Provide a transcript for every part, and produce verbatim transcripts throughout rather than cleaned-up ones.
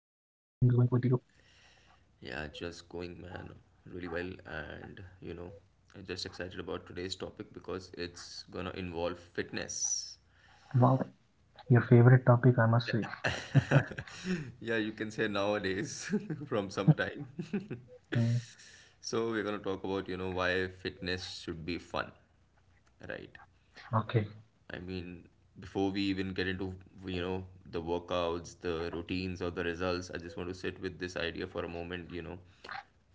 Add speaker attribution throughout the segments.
Speaker 1: with you?
Speaker 2: Yeah, just going, man, really well. And, you know, I'm just excited about today's topic because it's gonna involve fitness.
Speaker 1: Wow, your favorite topic, I must say.
Speaker 2: Yeah, you can say nowadays from some time.
Speaker 1: Mm,
Speaker 2: So, we're gonna talk about, you know, why fitness should be fun, right?
Speaker 1: okay,
Speaker 2: I mean, before we even get into, you know, the workouts, the routines, or the results, I just want to sit with this idea for a moment, you know.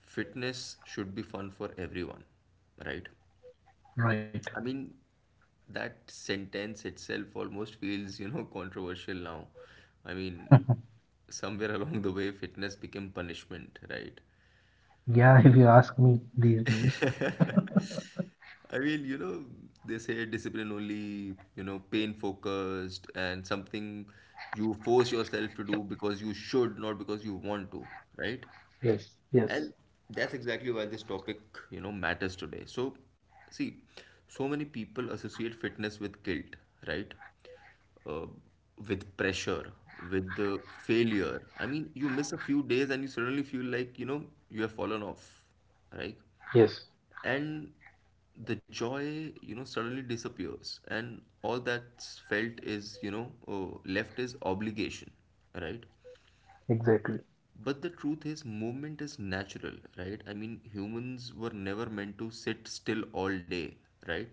Speaker 2: Fitness should be fun for everyone, right?
Speaker 1: right.
Speaker 2: I mean, that sentence itself almost feels, you know, controversial now. I mean, somewhere along the way, fitness became punishment, right?
Speaker 1: Yeah, if you ask me these days.
Speaker 2: I mean, you know, they say discipline only, you know, pain focused and something you force yourself to do because you should, not because you want to, right?
Speaker 1: Yes, yes,
Speaker 2: And that's exactly why this topic, you know, matters today. So, see, so many people associate fitness with guilt, right? Uh, with pressure, with the failure. I mean, you miss a few days and you suddenly feel like, you know, you have fallen off, right?
Speaker 1: yes.
Speaker 2: And the joy you know suddenly disappears and all that's felt is you know oh, left is obligation, right?
Speaker 1: Exactly.
Speaker 2: But the truth is movement is natural, right? I mean, humans were never meant to sit still all day, right?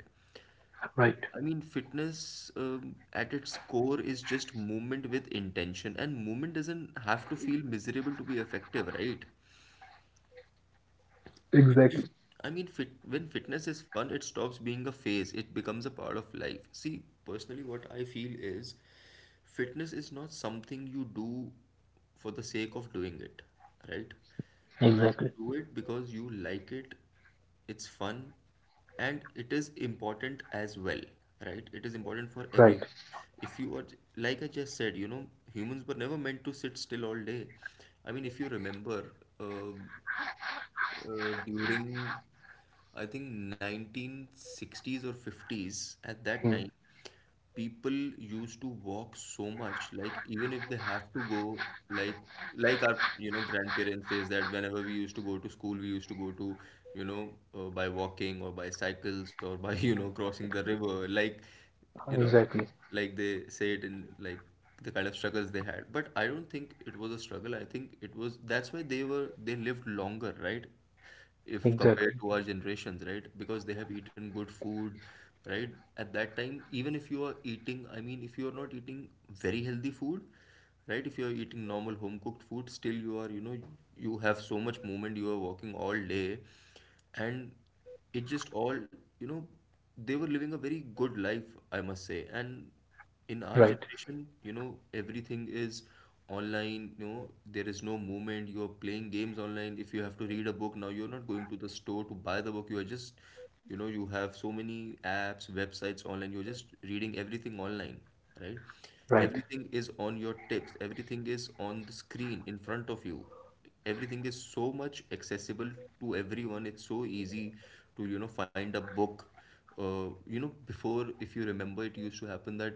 Speaker 1: Right.
Speaker 2: I mean, fitness, um, at its core, is just movement with intention, and movement doesn't have to feel miserable to be effective, right?
Speaker 1: Exactly.
Speaker 2: I mean, fit, when fitness is fun, it stops being a phase, it becomes a part of life. See, personally, what I feel is fitness is not something you do for the sake of doing it, right? You should
Speaker 1: Exactly.
Speaker 2: do it because you like it, it's fun, and it is important as well, right? It is important for
Speaker 1: Right.
Speaker 2: everyone. If you are, like I just said, you know, humans were never meant to sit still all day. I mean, if you remember, uh, uh, during I think nineteen sixties or fifties at that
Speaker 1: Mm,
Speaker 2: time, people used to walk so much. Like, even if they have to go, like like our, you know, grandparents says that whenever we used to go to school, we used to go to, you know, uh, by walking or by cycles or by you know crossing the river, like, you know,
Speaker 1: exactly.
Speaker 2: like they say it in, like, the kind of struggles they had. But I don't think it was a struggle. I think it was, that's why they were they lived longer, right? If compared
Speaker 1: Exactly.
Speaker 2: to our generations, right? Because they have eaten good food, right? At that time, even if you are eating, I mean, if you are not eating very healthy food, right, if you're eating normal home cooked food, still you are, you know, you have so much movement, you are walking all day. And it just all, you know, they were living a very good life, I must say. And in our
Speaker 1: Right.
Speaker 2: generation, you know, everything is online. You know, there is no movement. You're playing games online. If you have to read a book, now you're not going to the store to buy the book. You are just, you know, you have so many apps, websites online, you're just reading everything online, right?
Speaker 1: Right.
Speaker 2: Everything is on your tips, everything is on the screen in front of you. Everything is so much accessible to everyone. It's so easy to, you know, find a book. Uh, you know, before, if you remember, it used to happen that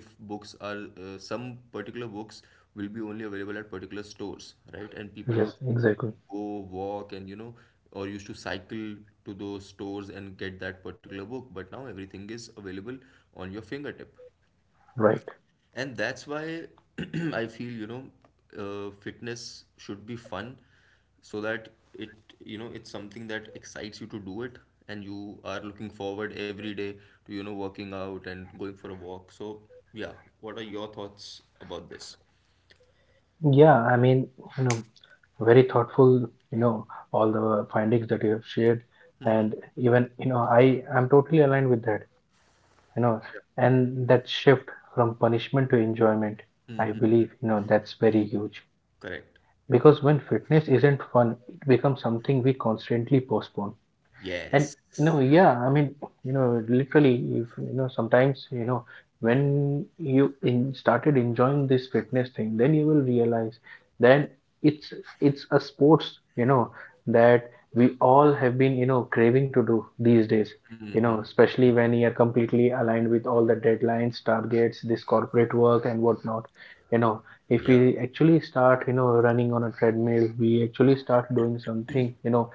Speaker 2: if books are, uh, some particular books will be only available at particular stores, right? And people
Speaker 1: Yes,
Speaker 2: used to
Speaker 1: exactly.
Speaker 2: go walk and, you know, or used to cycle to those stores and get that particular book. But now everything is available on your fingertip.
Speaker 1: Right.
Speaker 2: And that's why I feel, you know, uh, fitness should be fun so that it, you know, it's something that excites you to do it and you are looking forward every day to, you know, working out and going for a walk. So, yeah, what are your thoughts about this?
Speaker 1: Yeah, I mean, you know, very thoughtful, you know, all the findings that you have shared. And even, you know, I am totally aligned with that. You know,
Speaker 2: Yeah.
Speaker 1: and that shift from punishment to enjoyment, I believe, you know, that's very huge,
Speaker 2: Correct.
Speaker 1: because when fitness isn't fun, it becomes something we constantly postpone. And,
Speaker 2: Yes.
Speaker 1: you know, yeah, I mean, you know, literally, if you know sometimes, you know, when you in started enjoying this fitness thing, then you will realize then it's it's a sports, you know, that we all have been, you know, craving to do these days, you know,
Speaker 2: Mm-hmm.
Speaker 1: especially when you are completely aligned with all the deadlines, targets, this corporate work, and whatnot, you know. If we
Speaker 2: Yeah.
Speaker 1: actually start, you know, running on a treadmill, we actually start doing something, you know,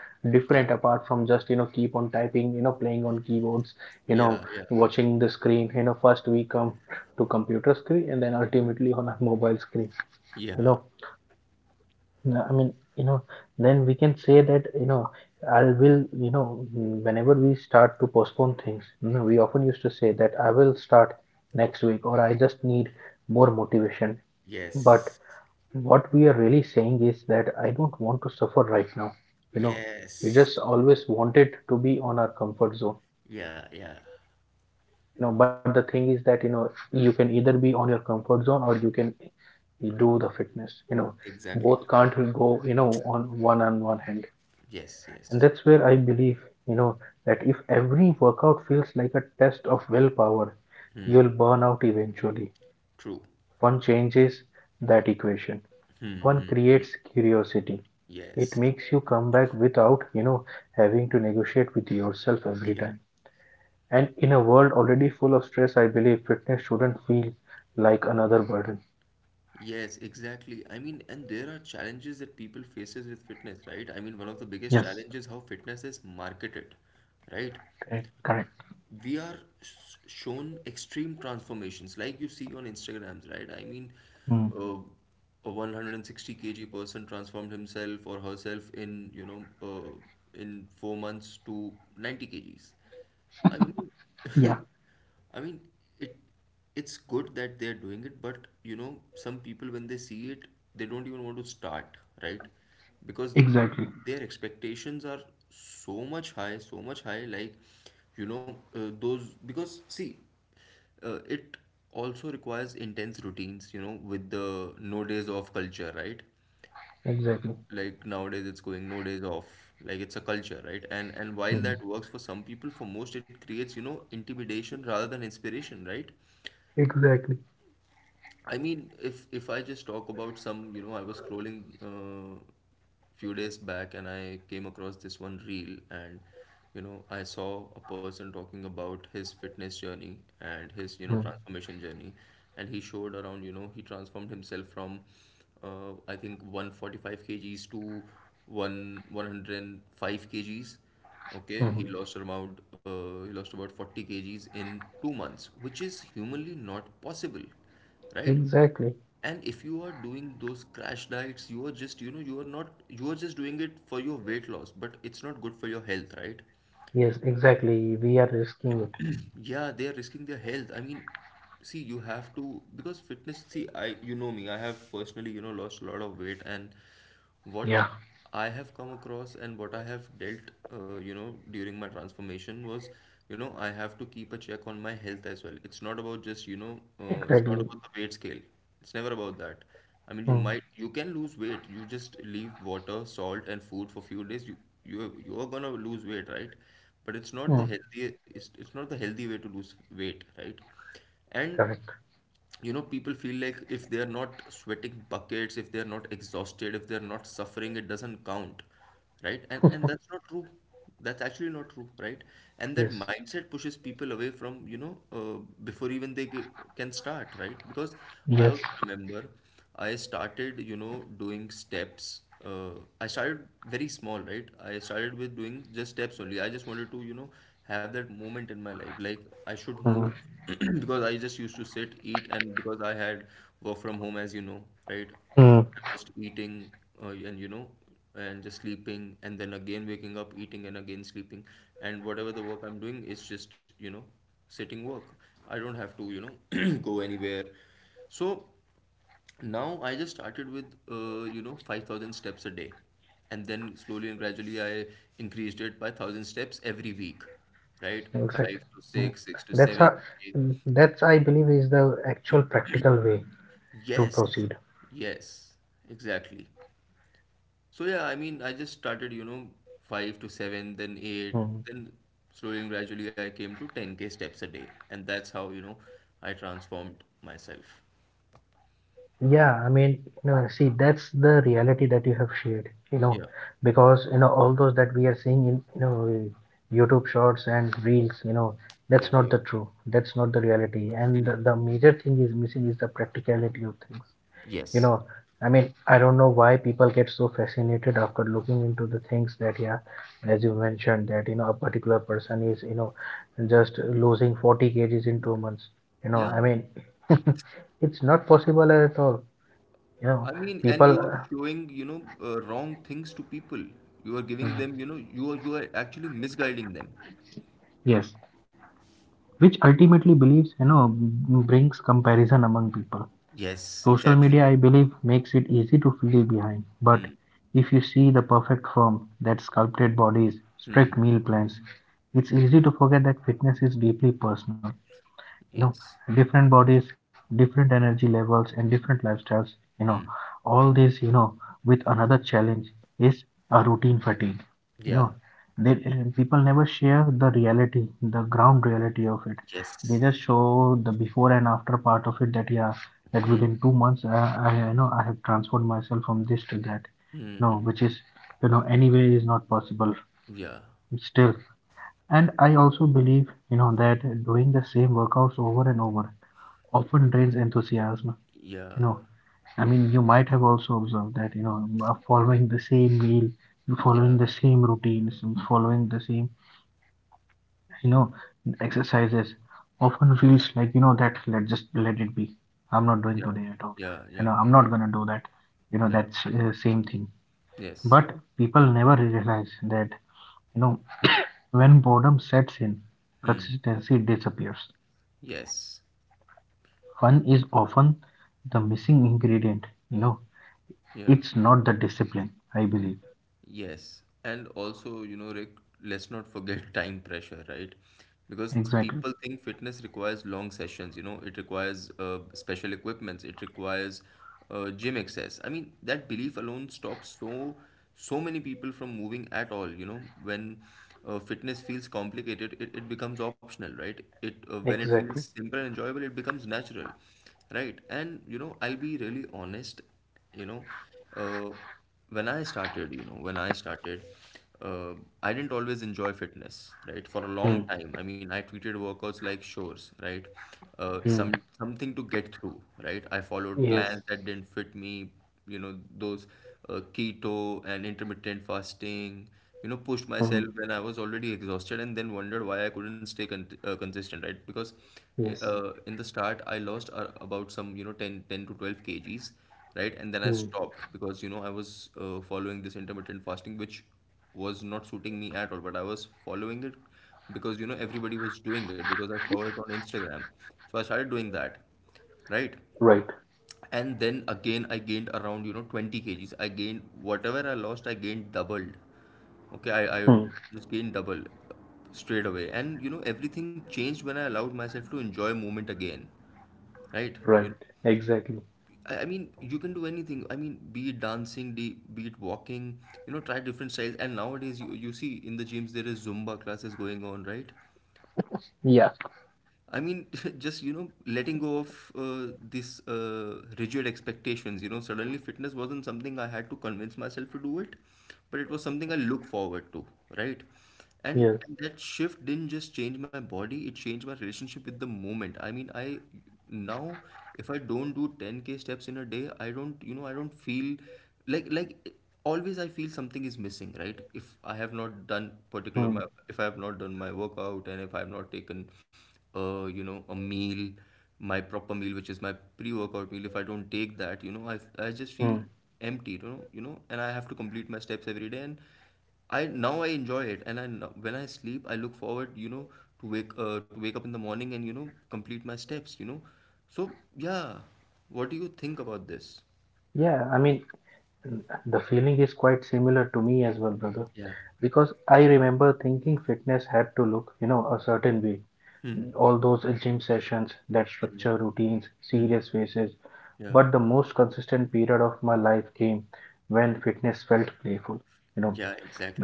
Speaker 2: Yeah.
Speaker 1: different apart from just, you know, keep on typing, you know, playing on keyboards, you know,
Speaker 2: Yeah. Yeah.
Speaker 1: watching the screen, you know, first we come to computer screen and then ultimately on a mobile screen, you know.
Speaker 2: Yeah.
Speaker 1: Nah, I mean, you know, then we can say that, you know, I will, you know, mm, whenever we start to postpone things, you know, we often used to say that I will start next week or I just need more motivation, but
Speaker 2: Yes.
Speaker 1: what we are really saying is that I don't want to suffer right now. You know, we
Speaker 2: Yes.
Speaker 1: just always wanted to be on our comfort zone.
Speaker 2: Yeah. Yeah.
Speaker 1: You know, but the thing is that, you know, you can either be on your comfort zone or you can do the fitness. You know,
Speaker 2: Exactly.
Speaker 1: both can't go, you know, on one on one hand.
Speaker 2: Yes.
Speaker 1: And
Speaker 2: Yes.
Speaker 1: that's where I believe, you know, that if every workout feels like a test of willpower, you'll burn out eventually.
Speaker 2: True.
Speaker 1: One changes that equation. One creates curiosity. It
Speaker 2: Yes,
Speaker 1: makes you come back without, you know, having to negotiate with yourself every
Speaker 2: yeah,
Speaker 1: time. And in a world already full of stress, I believe fitness shouldn't feel like another burden.
Speaker 2: yes, exactly. I mean, and there are challenges that people faces with fitness, right? I mean, one of the biggest
Speaker 1: Yes,
Speaker 2: challenges how fitness is marketed, right?
Speaker 1: correct. Correct.
Speaker 2: We are s- shown extreme transformations, like you see on Instagrams, right? I mean,
Speaker 1: Mm.
Speaker 2: uh, a one hundred sixty k g person transformed himself or herself in, you know, uh, in four months to ninety kgs. I mean,
Speaker 1: Yeah,
Speaker 2: I mean, it it's good that they're doing it, but you know, some people when they see it, they don't even want to start, right? Because
Speaker 1: exactly.
Speaker 2: their expectations are so much high, so much high, like, you know, uh, those because see, uh, it also requires intense routines, you know, with the no days off culture, right?
Speaker 1: Exactly.
Speaker 2: Like nowadays it's going no days off, like it's a culture, right? And and while
Speaker 1: Mm.
Speaker 2: that works for some people, for most it creates, you know, intimidation rather than inspiration, right?
Speaker 1: Exactly.
Speaker 2: I mean, if if I just talk about some, you know, I was scrolling uh, few days back and I came across this one reel, and you know, I saw a person talking about his fitness journey and his, you know,
Speaker 1: Mm.
Speaker 2: transformation journey. And he showed around, you know, he transformed himself from uh, I think one forty-five kgs to one 105 kgs. Okay,
Speaker 1: Mhm.
Speaker 2: he lost around uh, he lost about forty kgs in two months, which is humanly not possible, right?
Speaker 1: Exactly.
Speaker 2: And if you are doing those crash diets, you are just, you know, you are not, you are just doing it for your weight loss, but it's not good for your health, right?
Speaker 1: Yes, exactly. We are risking it.
Speaker 2: Yeah, they are risking their health. I mean, see, you have to, because fitness, see, i you know me i have personally, you know, lost a lot of weight. And what
Speaker 1: Yeah.
Speaker 2: I have come across and what I have dealt, uh, you know, during my transformation was, you know, I have to keep a check on my health as well. It's not about just, you know, uh, it's not
Speaker 1: Exactly.
Speaker 2: about the weight scale. It's never about that. I mean, you
Speaker 1: Mm.
Speaker 2: might, you can lose weight. You just leave water, salt, and food for few days. You, you, you're gonna lose weight, right? But it's not the
Speaker 1: Mm.
Speaker 2: healthy, it's, it's not the healthy way to lose weight, right? And
Speaker 1: Correct.
Speaker 2: you know, people feel like if they are not sweating buckets, if they are not exhausted, if they are not suffering, it doesn't count, right? And and that's not true, that's actually not true, right? And that
Speaker 1: Yes.
Speaker 2: mindset pushes people away from, you know, uh, before even they ge- can start, right? Because I
Speaker 1: Yes.
Speaker 2: also remember I started, you know, doing steps, uh, I started very small, right? I started with doing just steps only. I just wanted to, you know, have that moment in my life, like I should
Speaker 1: Mm.
Speaker 2: move. Because I just used to sit, eat, and because I had work from home, as you know, right?
Speaker 1: Mm.
Speaker 2: I'm just eating, uh, and you know, and just sleeping, and then again waking up, eating, and again sleeping. And whatever the work I'm doing is just, you know, sitting work. I don't have to, you know, go anywhere. So now I just started with, uh, you know, five thousand steps a day. And then slowly and gradually I increased it by one thousand steps every week, right? five
Speaker 1: Exactly.
Speaker 2: to
Speaker 1: Mm.
Speaker 2: six, six to
Speaker 1: That's
Speaker 2: seven.
Speaker 1: how, mm, that's I believe is the actual practical way to
Speaker 2: Yes,
Speaker 1: proceed.
Speaker 2: yes, exactly. So yeah, I mean, I just started, you know, five to seven, then eight,
Speaker 1: Mm.
Speaker 2: then slowly and gradually I came to ten k steps a day, and that's how, you know, I transformed myself.
Speaker 1: Yeah, I mean, you know, see, that's the reality that you have shared, you know,
Speaker 2: Yeah.
Speaker 1: because you know all those that we are seeing in, you know, YouTube shorts and reels, you know,
Speaker 2: Yeah,
Speaker 1: that's
Speaker 2: yeah.
Speaker 1: not the true. That's not the reality. And
Speaker 2: Hmm.
Speaker 1: the, the major thing is missing is the practicality of things. You
Speaker 2: Yes.
Speaker 1: know, I mean, I don't know why people get so fascinated after looking into the things that, yeah, as you mentioned, that, you know, a particular person is, you know, just losing forty kgs in two months, you know,
Speaker 2: Yeah,
Speaker 1: I mean, it's not possible at all, you
Speaker 2: I
Speaker 1: know.
Speaker 2: mean, and
Speaker 1: People
Speaker 2: you are
Speaker 1: uh,
Speaker 2: showing, you know, uh, wrong things to people. You are giving them, you
Speaker 1: mm,
Speaker 2: know, you are you are actually misguiding them.
Speaker 1: yes, which ultimately believes, you know, b- brings comparison among people.
Speaker 2: Yes,
Speaker 1: Social
Speaker 2: exactly.
Speaker 1: media, I believe, makes it easy to feel behind.
Speaker 2: Hmm.
Speaker 1: But if you see the perfect form, that sculpted bodies,
Speaker 2: Hmm.
Speaker 1: strict meal plans, it's easy to forget that fitness is deeply personal, you know,
Speaker 2: Yes.
Speaker 1: different bodies, different energy levels, and different lifestyles, you know,
Speaker 2: Hmm.
Speaker 1: all this, you know, with another challenge is a routine fatigue, you
Speaker 2: Yeah.
Speaker 1: know. They uh, people never share the reality, the ground reality of it.
Speaker 2: Yes.
Speaker 1: They just show the before and after part of it, that, yeah, that
Speaker 2: Hmm.
Speaker 1: within two months, uh, I, you know, I have transformed myself from this to that, you know, which is, you know, anyway is not possible
Speaker 2: Yeah,
Speaker 1: still. And I also believe, you know, that doing the same workouts over and over often drains enthusiasm.
Speaker 2: yeah,
Speaker 1: You know, I mean, you might have also observed that, you know, uh, following the same meal,
Speaker 2: yeah,
Speaker 1: following the same routines, and following the same, you know, exercises often feels like, you know, that let just let it be. I'm not doing
Speaker 2: yeah,
Speaker 1: today at all.
Speaker 2: yeah,
Speaker 1: You
Speaker 2: yeah,
Speaker 1: know, I'm
Speaker 2: yeah,
Speaker 1: not gonna do that. You know,
Speaker 2: yeah.
Speaker 1: that's uh, same thing.
Speaker 2: Yes.
Speaker 1: But people never realize that, you know, when boredom sets in,
Speaker 2: Hmm.
Speaker 1: consistency disappears.
Speaker 2: Yes.
Speaker 1: Fun is often the missing ingredient, you know.
Speaker 2: Yeah.
Speaker 1: It's not the discipline, I believe.
Speaker 2: Yes, and also, you know, Rick, let's not forget time pressure, right? Because people
Speaker 1: Exactly.
Speaker 2: think fitness requires long sessions, you know, it requires uh, special equipments, it requires uh, gym access. I mean, that belief alone stops so so many people from moving at all, you know, when uh, fitness feels complicated, it, it becomes optional, right? It uh, When it feels
Speaker 1: Exactly.
Speaker 2: simple and enjoyable, it becomes natural, right? And you know, I'll be really honest, you know, uh, when I started, you know, when I started, uh, I didn't always enjoy fitness, right? For a
Speaker 1: Mm.
Speaker 2: long time. I mean, I treated workouts like chores, right? Uh,
Speaker 1: Mm.
Speaker 2: some something to get through, right? I followed
Speaker 1: Yes.
Speaker 2: plans that didn't fit me, you know, those uh, keto and intermittent fasting, you know, pushed myself
Speaker 1: Mm.
Speaker 2: when I was already exhausted and then wondered why I couldn't stay con uh, consistent, right? Because eh,
Speaker 1: Yes.
Speaker 2: uh, in the start, I lost uh, about some, you know, ten ten to 12 kgs, right? And then I
Speaker 1: Mm.
Speaker 2: stopped because you know I was uh, following this intermittent fasting, which was not suiting me at all. But I was following it because you know everybody was doing it because I saw it on Instagram. So I started doing that, right?
Speaker 1: Right.
Speaker 2: And then again I gained around you know twenty kgs. I gained whatever I lost, I gained doubled. Okay, I, I
Speaker 1: Mm.
Speaker 2: just gained double straight away, and you know everything changed when I allowed myself to enjoy movement again, right?
Speaker 1: Right.
Speaker 2: you
Speaker 1: Exactly.
Speaker 2: I, I mean, you can do anything. I mean, be it dancing, de- be it walking, you know, try different styles. And nowadays, you, you see in the gyms, there is Zumba classes going on, right?
Speaker 1: Yeah.
Speaker 2: I mean, just you know, letting go of uh, these uh, rigid expectations. You know, suddenly fitness wasn't something I had to convince myself to do it, but it was something I look forward to, right? And,
Speaker 1: Yes.
Speaker 2: and that shift didn't just change my body; it changed my relationship with the moment. I mean, I now if I don't do ten k steps in a day, I don't, you know, I don't feel like like always I feel something is missing, right? If I have not done particular
Speaker 1: Mm.
Speaker 2: my if I have not done my workout and if I have not taken uh, you know, a meal, my proper meal, which is my pre-workout meal, if I don't take that, you know, I, I just feel
Speaker 1: Mm.
Speaker 2: empty, you know, you know, and I have to complete my steps every day. And I now I enjoy it, and I now- when I sleep, I look forward, you know, to wake uh, to wake up in the morning and you know complete my steps, you know. So yeah, what do you think about this?
Speaker 1: Yeah. I mean, mm, the feeling is quite similar to me as well, brother.
Speaker 2: Yeah.
Speaker 1: Because I remember thinking fitness had to look, you know, a certain way.
Speaker 2: Hmm.
Speaker 1: Mm, all those uh, gym sessions, that
Speaker 2: Hmm.
Speaker 1: structure, routines,
Speaker 2: Hmm.
Speaker 1: serious faces.
Speaker 2: Yeah.
Speaker 1: But the most consistent period of my life came when fitness felt playful. You know,
Speaker 2: Yeah,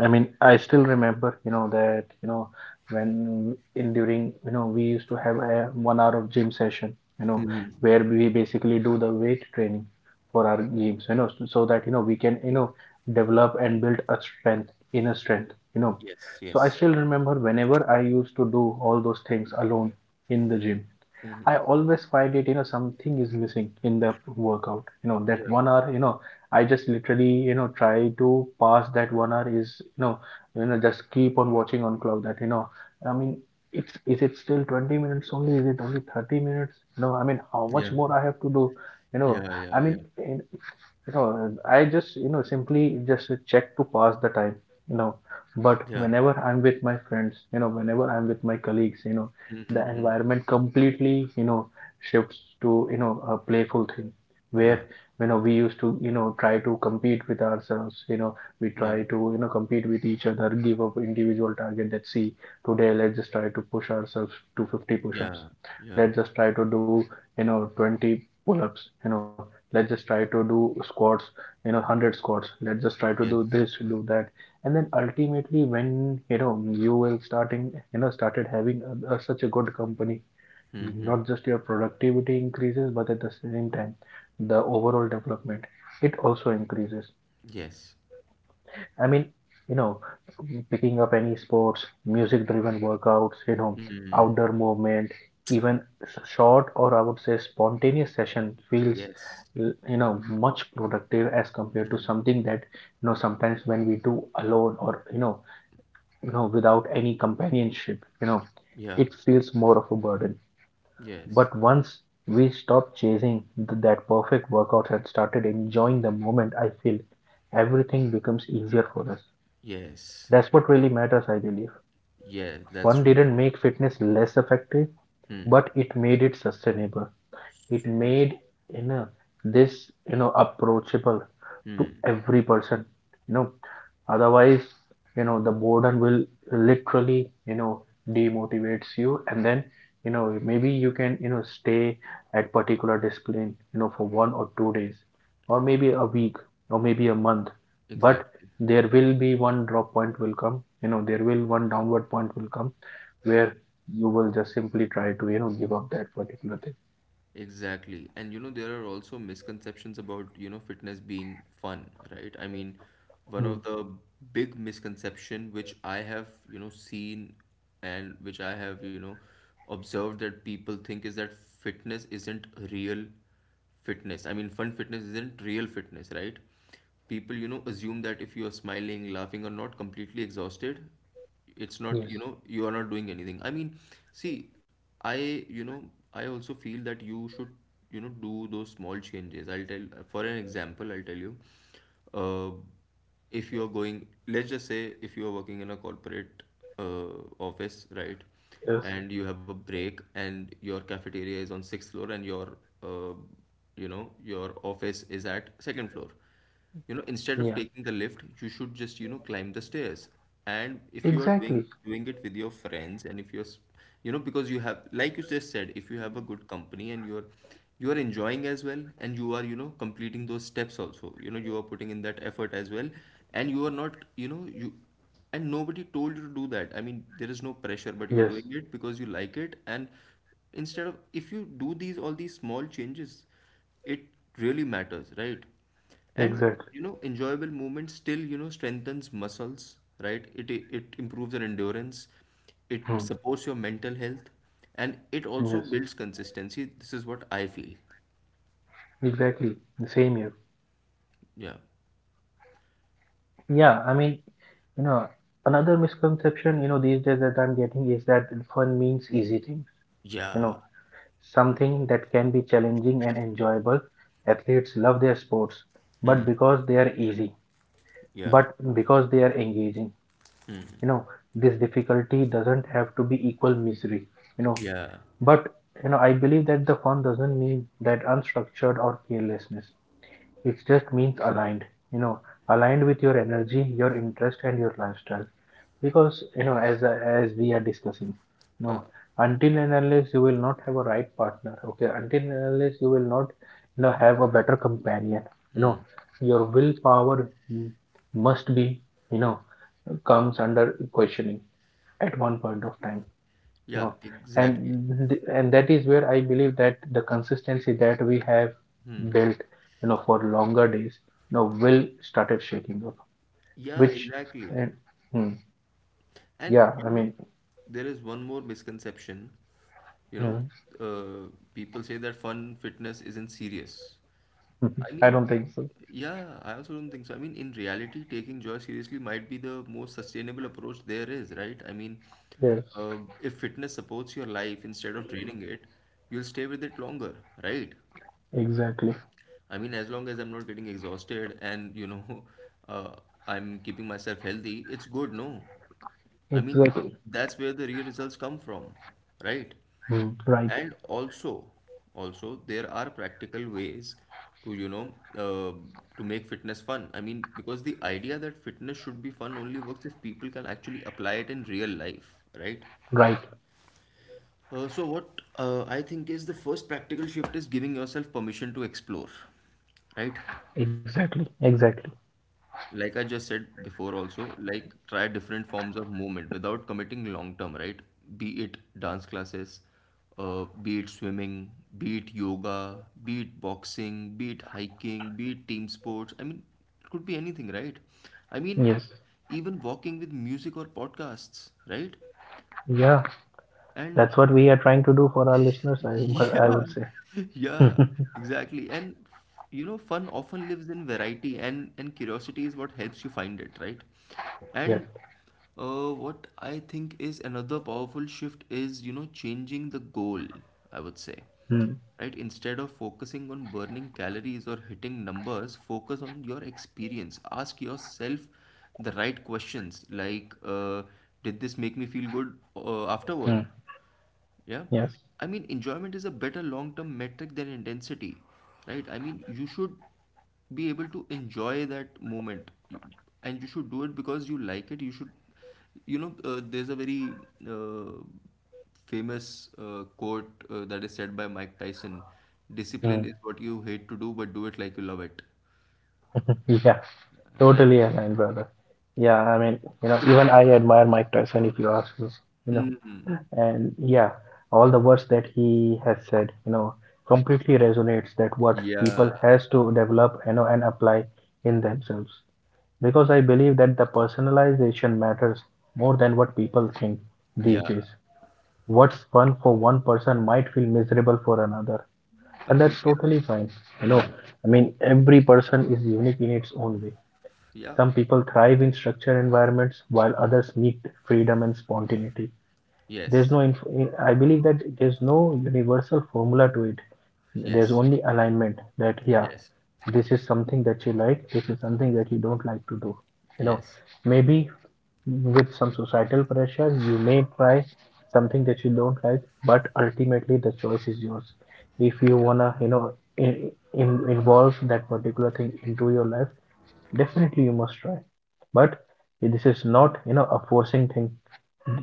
Speaker 1: I mean, I still remember, you know, that, you know, when in during, you know, we used to have a one hour of gym session, you know,
Speaker 2: Hmm.
Speaker 1: where we basically do the weight training for our games, you know, so so that, you know, we can, you know, develop and build a strength, inner strength, you know.
Speaker 2: Yes,
Speaker 1: So I
Speaker 2: yes.
Speaker 1: still remember whenever I used to do all those things alone in the gym,
Speaker 2: Hmm.
Speaker 1: I always find it, you know, something is missing in the workout. You know, that
Speaker 2: Yeah.
Speaker 1: one hour, you know, I just literally, you know, try to pass that one hour is, you know, you know, just keep on watching on clock that, you know, I mean, it's is it still twenty minutes only? Is it only thirty minutes? No, I mean, how much
Speaker 2: Yeah,
Speaker 1: more I have to do? You know,
Speaker 2: yeah,
Speaker 1: I
Speaker 2: yeah,
Speaker 1: mean,
Speaker 2: yeah.
Speaker 1: in, you know, I just, you know, simply just check to pass the time, you know. But
Speaker 2: Yeah.
Speaker 1: whenever I'm with my friends, you know, whenever I'm with my colleagues, you know,
Speaker 2: Mm-hmm,
Speaker 1: the
Speaker 2: mm-hmm.
Speaker 1: environment completely, you know, shifts to, you know, a playful thing,
Speaker 2: Yeah,
Speaker 1: where, you know, we used to, you know, try to compete with ourselves, you know, we
Speaker 2: yeah,
Speaker 1: try to, you know, compete with each other, give up individual target, let's see, today let's just try to push ourselves to fifty
Speaker 2: yeah,
Speaker 1: push-ups,
Speaker 2: yeah,
Speaker 1: let's just try to do, you know, twenty pull-ups, you know, let's just try to do squats, you know, one hundred squats, let's just try to do
Speaker 2: yes.
Speaker 1: this, do that. And then ultimately, when, you know, you will starting, you know, started having a, a, such a good company,
Speaker 2: Mm-hmm.
Speaker 1: not just your productivity increases, but at the same time the overall development it also increases.
Speaker 2: Yes.
Speaker 1: I mean, you know, picking up any sports, music driven workouts, you know,
Speaker 2: Mm,
Speaker 1: outdoor movement, even s- short, or I would say spontaneous session feels,
Speaker 2: yes.
Speaker 1: l- you know, much productive as compared to something that, you know, sometimes when we do alone or, you know, you know, without any companionship, you know,
Speaker 2: Yeah.
Speaker 1: it feels more of a burden.
Speaker 2: Yes.
Speaker 1: But once we stopped chasing th- that perfect workout and started enjoying the moment, I feel everything becomes easier for us.
Speaker 2: Yes.
Speaker 1: That's what really matters, I believe.
Speaker 2: Yeah, that's
Speaker 1: One
Speaker 2: so true.
Speaker 1: didn't make fitness less effective,
Speaker 2: Hmm.
Speaker 1: but it made it sustainable. It
Speaker 2: So
Speaker 1: made,
Speaker 2: true.
Speaker 1: you know, this, you know, approachable to
Speaker 2: Hmm.
Speaker 1: every person. You know, otherwise, you know, the boredom will literally, you know, demotivates you, and then, you know, maybe you can, you know, stay at particular discipline, you know, for one or two days or maybe a week or maybe a month, but
Speaker 2: Exactly.
Speaker 1: there will be one drop point will come, you know, there will one downward point will come where you will just simply try to, you know, give up that particular thing.
Speaker 2: Exactly. And you know, there are also misconceptions about, you know, fitness being fun, right? I mean, one
Speaker 1: Hmm.
Speaker 2: of the big misconception which I have, you know, seen and which I have, you know, observed that people think is that fitness isn't real fitness. I mean, fun fitness isn't real fitness, right? People, you know, assume that if you are smiling, laughing, or not completely exhausted, it's not,
Speaker 1: Yes.
Speaker 2: you know, you are not doing anything. I mean, see, I, you know, I also feel that you should, you know, do those small changes. I'll tell, for an example, I'll tell you. Uh, if you're going, let's just say if you're working in a corporate uh, office, right,
Speaker 1: Yes.
Speaker 2: and you have a break and your cafeteria is on sixth floor and your uh, you know your office is at second floor, you know instead of
Speaker 1: Yeah,
Speaker 2: taking the lift you should just you know climb the stairs, and if you are doing
Speaker 1: exactly.
Speaker 2: doing it with your friends and if you're s- you know because you have, like you just said, if you have a good company and you're you are enjoying as well and you are you know completing those steps also, you know you are putting in that effort as well, and you are not you know you and nobody told you to do that. I mean there is no pressure but you're
Speaker 1: Yes,
Speaker 2: doing it because you like it, and instead of if you do these all these small changes, it really matters, right? And
Speaker 1: exactly.
Speaker 2: you know, enjoyable movement still, you know, strengthens muscles, right? It it improves your endurance, it
Speaker 1: Hmm.
Speaker 2: supports your mental health, and it also
Speaker 1: Yes,
Speaker 2: builds consistency. This is what I feel.
Speaker 1: exactly. Same here.
Speaker 2: Yeah.
Speaker 1: Yeah, I mean, you know, another misconception, you know, these days that I'm getting is that fun means easy things, you
Speaker 2: Yeah.
Speaker 1: know, something that can be challenging and enjoyable. Athletes love their sports, but because they are easy,
Speaker 2: Yeah.
Speaker 1: but because they are engaging, you know, this difficulty doesn't have to be equal misery, you know,
Speaker 2: Yeah.
Speaker 1: but, you know, I believe that the fun doesn't mean that unstructured or carelessness. It just means aligned, you know, aligned with your energy, your interest, and your lifestyle, because you know, as as we are discussing,
Speaker 2: Huh.
Speaker 1: no, until and unless you will not have a right partner, okay, until and unless you will not, you know, have a better companion, you know, your willpower, mm, must be, you know, comes under questioning at one point of time, you
Speaker 2: Yeah,
Speaker 1: know.
Speaker 2: exactly.
Speaker 1: And th- and that is where I believe that the consistency that we have built, you know, for longer days, you know, will started shaking up,
Speaker 2: Yeah,
Speaker 1: which
Speaker 2: exactly.
Speaker 1: and, hmm,
Speaker 2: And
Speaker 1: yeah,
Speaker 2: you
Speaker 1: I
Speaker 2: know,
Speaker 1: mean.
Speaker 2: there is one more misconception. You know,
Speaker 1: Mhm.
Speaker 2: uh, people say that fun fitness isn't serious.
Speaker 1: Mhm.
Speaker 2: I
Speaker 1: I
Speaker 2: mean,
Speaker 1: don't think so.
Speaker 2: yeah, I also don't think so. I mean, in reality, taking joy seriously might be the most sustainable approach there is, right? I mean,
Speaker 1: Yes,
Speaker 2: uh, if fitness supports your life instead of draining it, you'll stay with it longer, right?
Speaker 1: exactly.
Speaker 2: I mean, as long as I'm not getting exhausted and, you know, uh, I'm keeping myself healthy, it's good, no? I mean,
Speaker 1: Exactly.
Speaker 2: that's where the real results come from, right?
Speaker 1: Mm. Right.
Speaker 2: And also, also there are practical ways to, you know, uh, to make fitness fun. I mean, because the idea that fitness should be fun only works if people can actually apply it in real life, right?
Speaker 1: Right.
Speaker 2: Uh, so what uh, I think is the first practical shift is giving yourself permission to explore, right?
Speaker 1: Exactly. Exactly.
Speaker 2: Like I just said before also, like try different forms of movement without committing long term, right? Be it dance classes, uh, be it swimming, be it yoga, be it boxing, be it hiking, be it team sports. I mean, it could be anything, right? I mean,
Speaker 1: Yes.
Speaker 2: even walking with music or podcasts, right?
Speaker 1: Yeah.
Speaker 2: And
Speaker 1: That's what we are trying to do for our listeners, I, wo- I would
Speaker 2: yeah,
Speaker 1: say.
Speaker 2: yeah, exactly. And you know, fun often lives in variety, and and curiosity is what helps you find it, right?
Speaker 1: Yes.
Speaker 2: And uh, what I think is another powerful shift is, you know, changing the goal, I would say,
Speaker 1: Mm.
Speaker 2: right? Instead of focusing on burning calories or hitting numbers, focus on your experience. Ask yourself the right questions, like, uh, did this make me feel good uh,
Speaker 1: Mm.
Speaker 2: afterward? Yeah.
Speaker 1: Yes.
Speaker 2: I mean, enjoyment is a better long-term metric than intensity, right? I mean, you should be able to enjoy that moment. You- and you should do it because you like it. You should, you know, uh, there's a very uh, famous uh, quote uh, that is said by Mike Tyson, discipline
Speaker 1: Mm.
Speaker 2: is what you hate to do, but do it like you love it,
Speaker 1: Yeah.
Speaker 2: right?
Speaker 1: Totally aligned, brother. Yeah. I mean, you know, even I admire Mike Tyson if you ask me. You know,
Speaker 2: Hmm.
Speaker 1: and yeah, all the words that he has said, you know, completely resonates that what people
Speaker 2: Yeah.
Speaker 1: has to develop, you know, and apply in themselves, because I believe that the personalization matters more than what people think these
Speaker 2: Yeah.
Speaker 1: days. What's fun for one person might feel miserable for another, and that's
Speaker 2: Completely
Speaker 1: totally
Speaker 2: agree.
Speaker 1: fine, you know.
Speaker 2: Hmm.
Speaker 1: I mean, every person is unique in its own way.
Speaker 2: Yeah.
Speaker 1: Some people thrive in structured environments while others need freedom and spontaneity. There's
Speaker 2: Yes.
Speaker 1: no, inf- eh, I believe that there's no universal formula to it. There's
Speaker 2: Yes.
Speaker 1: only alignment that, yeah,
Speaker 2: Yes.
Speaker 1: this is something that you like, this is something that you don't like to do. You know,
Speaker 2: Yes.
Speaker 1: maybe with some societal pressure, you may try something that you don't like, but ultimately the choice is yours. If you
Speaker 2: Yeah.
Speaker 1: wanna, you know, in, in, involve that particular thing into your life, definitely you must try. But this is not, you know, a forcing thing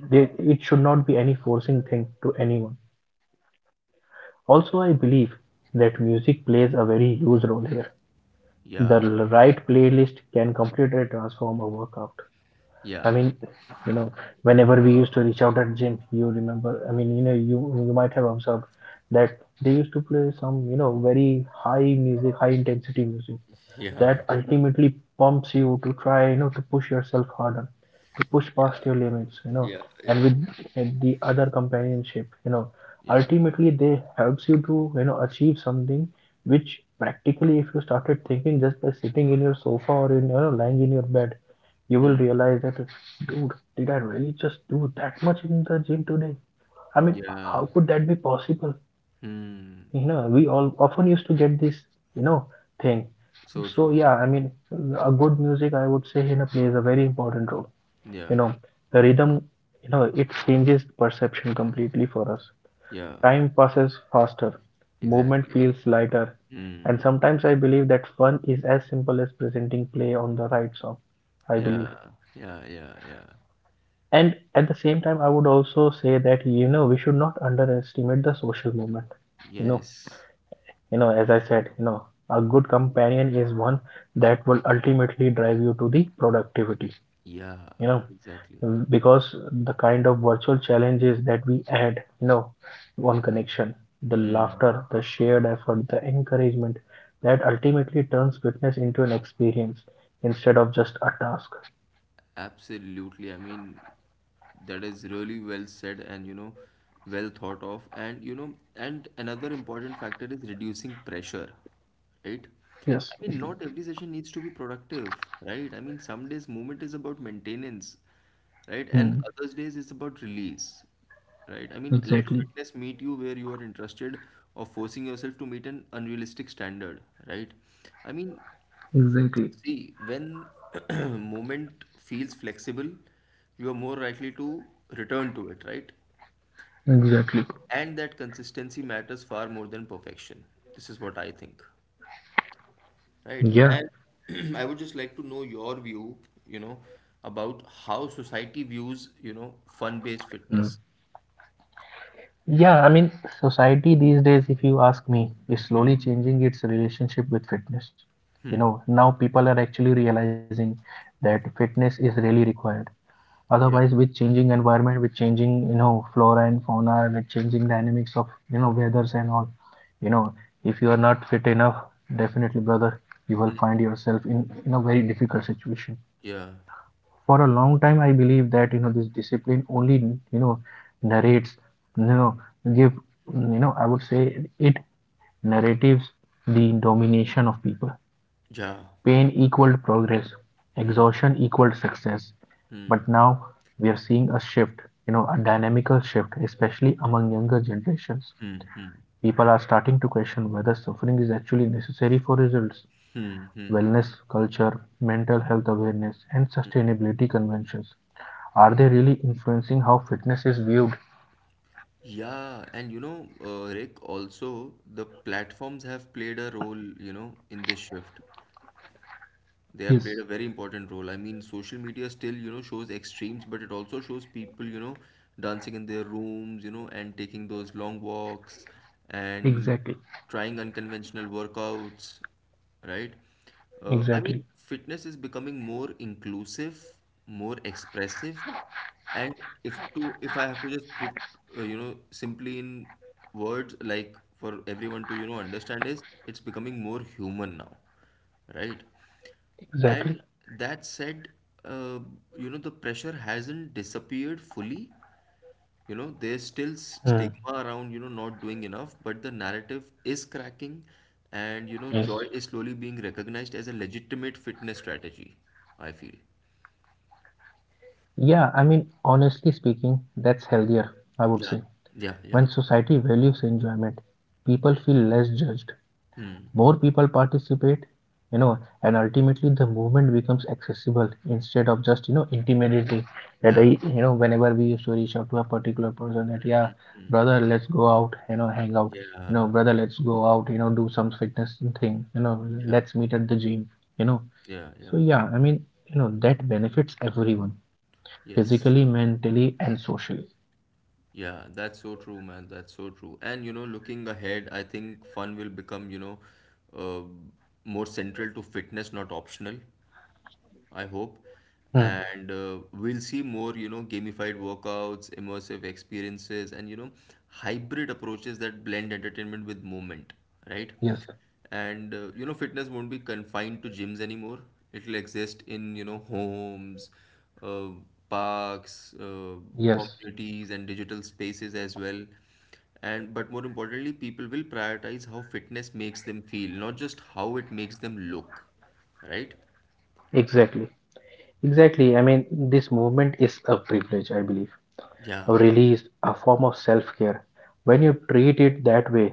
Speaker 1: there, it should not be any forcing thing to anyone. Also, I believe that music plays a very huge role here. The
Speaker 2: Yeah.
Speaker 1: l- right playlist can completely transform a workout. I
Speaker 2: Yeah.
Speaker 1: mean, you know, whenever we used to reach out at gym, you remember. I mean, you know, you you might have observed that they used to play some, you know, very high music, high intensity music that ultimately pumps you to try, you know, to push yourself harder, to push
Speaker 2: Yeah,
Speaker 1: past your limits, you know.
Speaker 2: yeah, yeah,
Speaker 1: And with uh, the other companionship, you know,
Speaker 2: yeah.
Speaker 1: ultimately they helps you to, you know, achieve something which practically if you started thinking just by sitting in your sofa or, in you know, lying in your bed, you will
Speaker 2: Hmm.
Speaker 1: realize that, dude, did I really just do that much in the gym today? I mean,
Speaker 2: Yeah.
Speaker 1: how could that be possible?
Speaker 2: Hmm.
Speaker 1: You know, we all often used to get this, you know, thing.
Speaker 2: So
Speaker 1: So
Speaker 2: true.
Speaker 1: yeah, I mean, a good music, I would say, you know, plays a very important role. You
Speaker 2: Yeah.
Speaker 1: know, the rhythm, you know, it changes perception completely for us.
Speaker 2: Yeah.
Speaker 1: Time passes faster, movement
Speaker 2: Exactly.
Speaker 1: feels lighter, and
Speaker 2: Hmm.
Speaker 1: sometimes I believe that fun is as simple as presenting play on the right song, I believe.
Speaker 2: Yeah. Yeah. Yeah. Yeah.
Speaker 1: And at the same time I would also say that, you know, we should not underestimate the social movement, you know.
Speaker 2: Yes.
Speaker 1: You know, as I said, you know, a good companion is one that will ultimately drive you to the productivity,
Speaker 2: Yeah.
Speaker 1: you know,
Speaker 2: Exactly.
Speaker 1: because the kind of virtual challenges that we add, you know, one connection, the
Speaker 2: Hmm.
Speaker 1: laughter, the shared effort, the encouragement that ultimately turns fitness into an experience instead of just a task.
Speaker 2: Absolutely. I mean, that is really well said and, you know, well thought of. And, you know, and another important factor is reducing pressure, right? I
Speaker 1: Yes.
Speaker 2: mean, not every session needs to be productive, right? I mean, some days movement is about maintenance, right? And
Speaker 1: Hmm.
Speaker 2: others days it's about release, right? I mean, let
Speaker 1: Exactly.
Speaker 2: fitness meet you where you are interested or forcing yourself to meet an unrealistic standard, right? I mean,
Speaker 1: Exactly.
Speaker 2: see, when movement feels flexible, you are more likely to return to it, right?
Speaker 1: Exactly.
Speaker 2: And that consistency matters far more than perfection. This is what I think, right?
Speaker 1: Yeah.
Speaker 2: And I would just like to know your view, you know, about how society views, you know, fun-based fitness.
Speaker 1: Yeah, I mean, society these days, if you ask me, is slowly changing its relationship with fitness. You know, now people are actually realizing that fitness is really required. Otherwise,
Speaker 2: Yeah.
Speaker 1: with changing environment, with changing, you know, flora and fauna, with changing dynamics of, you know, weathers and all, you know, if you are not fit enough, definitely, brother, you will find yourself in, in a very difficult situation.
Speaker 2: Yeah.
Speaker 1: For a long time I believe that, you know, this discipline only, you know, narrates, you know, give, you know, I would say it, narratives the domination of people.
Speaker 2: Yeah.
Speaker 1: Pain equaled progress,
Speaker 2: Hmm.
Speaker 1: exhaustion equaled success, but
Speaker 2: Hmm.
Speaker 1: now we are seeing a shift, you know, a dynamical shift, especially among younger generations.
Speaker 2: Hmm. Hmm. Hmm.
Speaker 1: People are starting to question whether suffering is actually necessary for results.
Speaker 2: Hmm. Hmm.
Speaker 1: Wellness culture, mental health awareness and sustainability conventions, are they really influencing how fitness is viewed?
Speaker 2: Yeah, and you know, uh, Rick, also the platforms have played a role, you know, in this shift. They have played a
Speaker 1: Yes,
Speaker 2: very important role. I mean, social media still, you know, shows extremes, but it also shows people, you know, dancing in their rooms, you know, and taking those long walks and
Speaker 1: exactly,
Speaker 2: trying unconventional workouts, right? Uh, I
Speaker 1: exactly,
Speaker 2: mean, fitness is becoming more inclusive, more expressive, and if to if I have to just put, uh, you know, simply in words like for everyone to, you know, understand, is it's becoming more human now, right?
Speaker 1: exactly.
Speaker 2: And that said, uh, you know, the pressure hasn't disappeared fully. You know, there's still s-
Speaker 1: Hmm.
Speaker 2: stigma around, you know, not doing enough, but the narrative is cracking, and, you know, joy
Speaker 1: Yes.
Speaker 2: is slowly being recognized as a legitimate fitness strategy, I feel.
Speaker 1: Yeah, I mean, honestly speaking, that's healthier, I would
Speaker 2: Yeah,
Speaker 1: say.
Speaker 2: yeah, yeah.
Speaker 1: When society values enjoyment, people feel less judged.
Speaker 2: Hmm.
Speaker 1: More people participate, you know, and ultimately the movement becomes accessible instead of just, you know, intimidating. That I,
Speaker 2: Yeah.
Speaker 1: you know, whenever we used to reach out to a particular person, that yeah,
Speaker 2: Hmm.
Speaker 1: brother, let's go out, you know, hang out, you
Speaker 2: Yeah.
Speaker 1: know, brother, let's go out, you know, do some fitness thing, you know,
Speaker 2: Yeah.
Speaker 1: let's meet at the gym, you know.
Speaker 2: Yeah.
Speaker 1: So
Speaker 2: Yeah.
Speaker 1: yeah, I mean, you know, that benefits everyone,
Speaker 2: Yes.
Speaker 1: physically, mentally and socially.
Speaker 2: Yeah, that's so true, man. That's so true. And you know, looking ahead, I think fun will become, you know, uh, more central to fitness, not optional. I hope.
Speaker 1: Hmm.
Speaker 2: And uh, we'll see more, you know, gamified workouts, immersive experiences, and, you know, hybrid approaches that blend entertainment with movement, right?
Speaker 1: Yes.
Speaker 2: And, uh, you know, fitness won't be confined to gyms anymore. It'll exist in, you know, homes, uh, parks, uh,
Speaker 1: Yes,
Speaker 2: communities, and digital spaces as well. And, but more importantly, people will prioritize how fitness makes them feel, not just how it makes them look, right?
Speaker 1: exactly, exactly. I mean, this movement is a privilege, I believe,
Speaker 2: Yeah.
Speaker 1: release, a form of self care. When you treat it that way,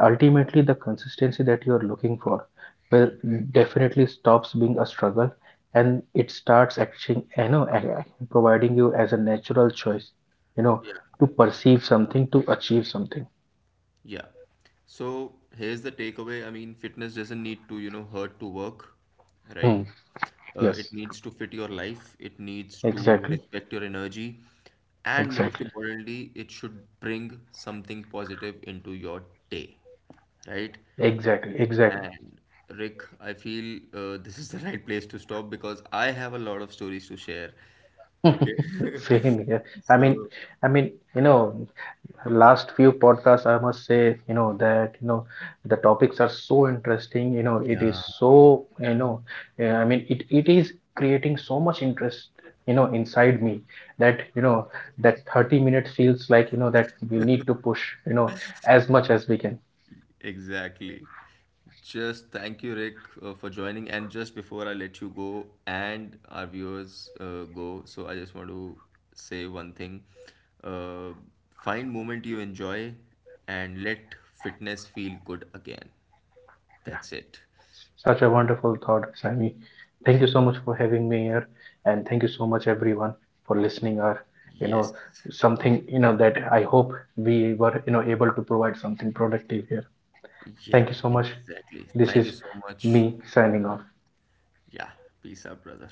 Speaker 1: ultimately the consistency that you are looking for will
Speaker 2: Hmm.
Speaker 1: definitely stops being a struggle, and it starts actually, you know, providing you as a natural choice, you know,
Speaker 2: Yeah,
Speaker 1: to perceive something, to achieve something.
Speaker 2: yeah. So here's the takeaway. I mean, fitness doesn't need to, you know, hurt to work, right?
Speaker 1: Hmm.
Speaker 2: Uh, it
Speaker 1: Yes.
Speaker 2: needs to fit your life, it needs to
Speaker 1: Exactly,
Speaker 2: respect your energy, and most
Speaker 1: exactly,
Speaker 2: importantly, it should bring something positive into your day, right?
Speaker 1: exactly, exactly.
Speaker 2: And Rick, I feel uh, this is the right place to stop because I have a lot of stories to share. Okay,
Speaker 1: Same here. i mean
Speaker 2: so
Speaker 1: i mean you know, last few podcasts I must say, you know, that, you know, the topics are so interesting, you know, it
Speaker 2: yeah.
Speaker 1: is so, you know, uh, I mean it, it is creating so much interest, you know, inside me, that, you know, that thirty minutes feels like, you know, that we need to push, you know, as much as we can.
Speaker 2: Exactly. Just thank you, Rick, uh, for joining. And just before I let you go and our viewers uh, go, so I just want to say one thing. Uh, Find moment you enjoy and let fitness feel good again. That's it.
Speaker 1: Such a wonderful thought, Sami. Thank you so much for having me here, and thank you so much everyone for listening. Or, you
Speaker 2: Yes.
Speaker 1: know, something, you know, that I hope we were, you know, able to provide something productive here. Thank
Speaker 2: Yeah,
Speaker 1: you so much.
Speaker 2: exactly.
Speaker 1: This
Speaker 2: Thank you
Speaker 1: is
Speaker 2: so much.
Speaker 1: me signing off.
Speaker 2: Yeah. Peace out, brother.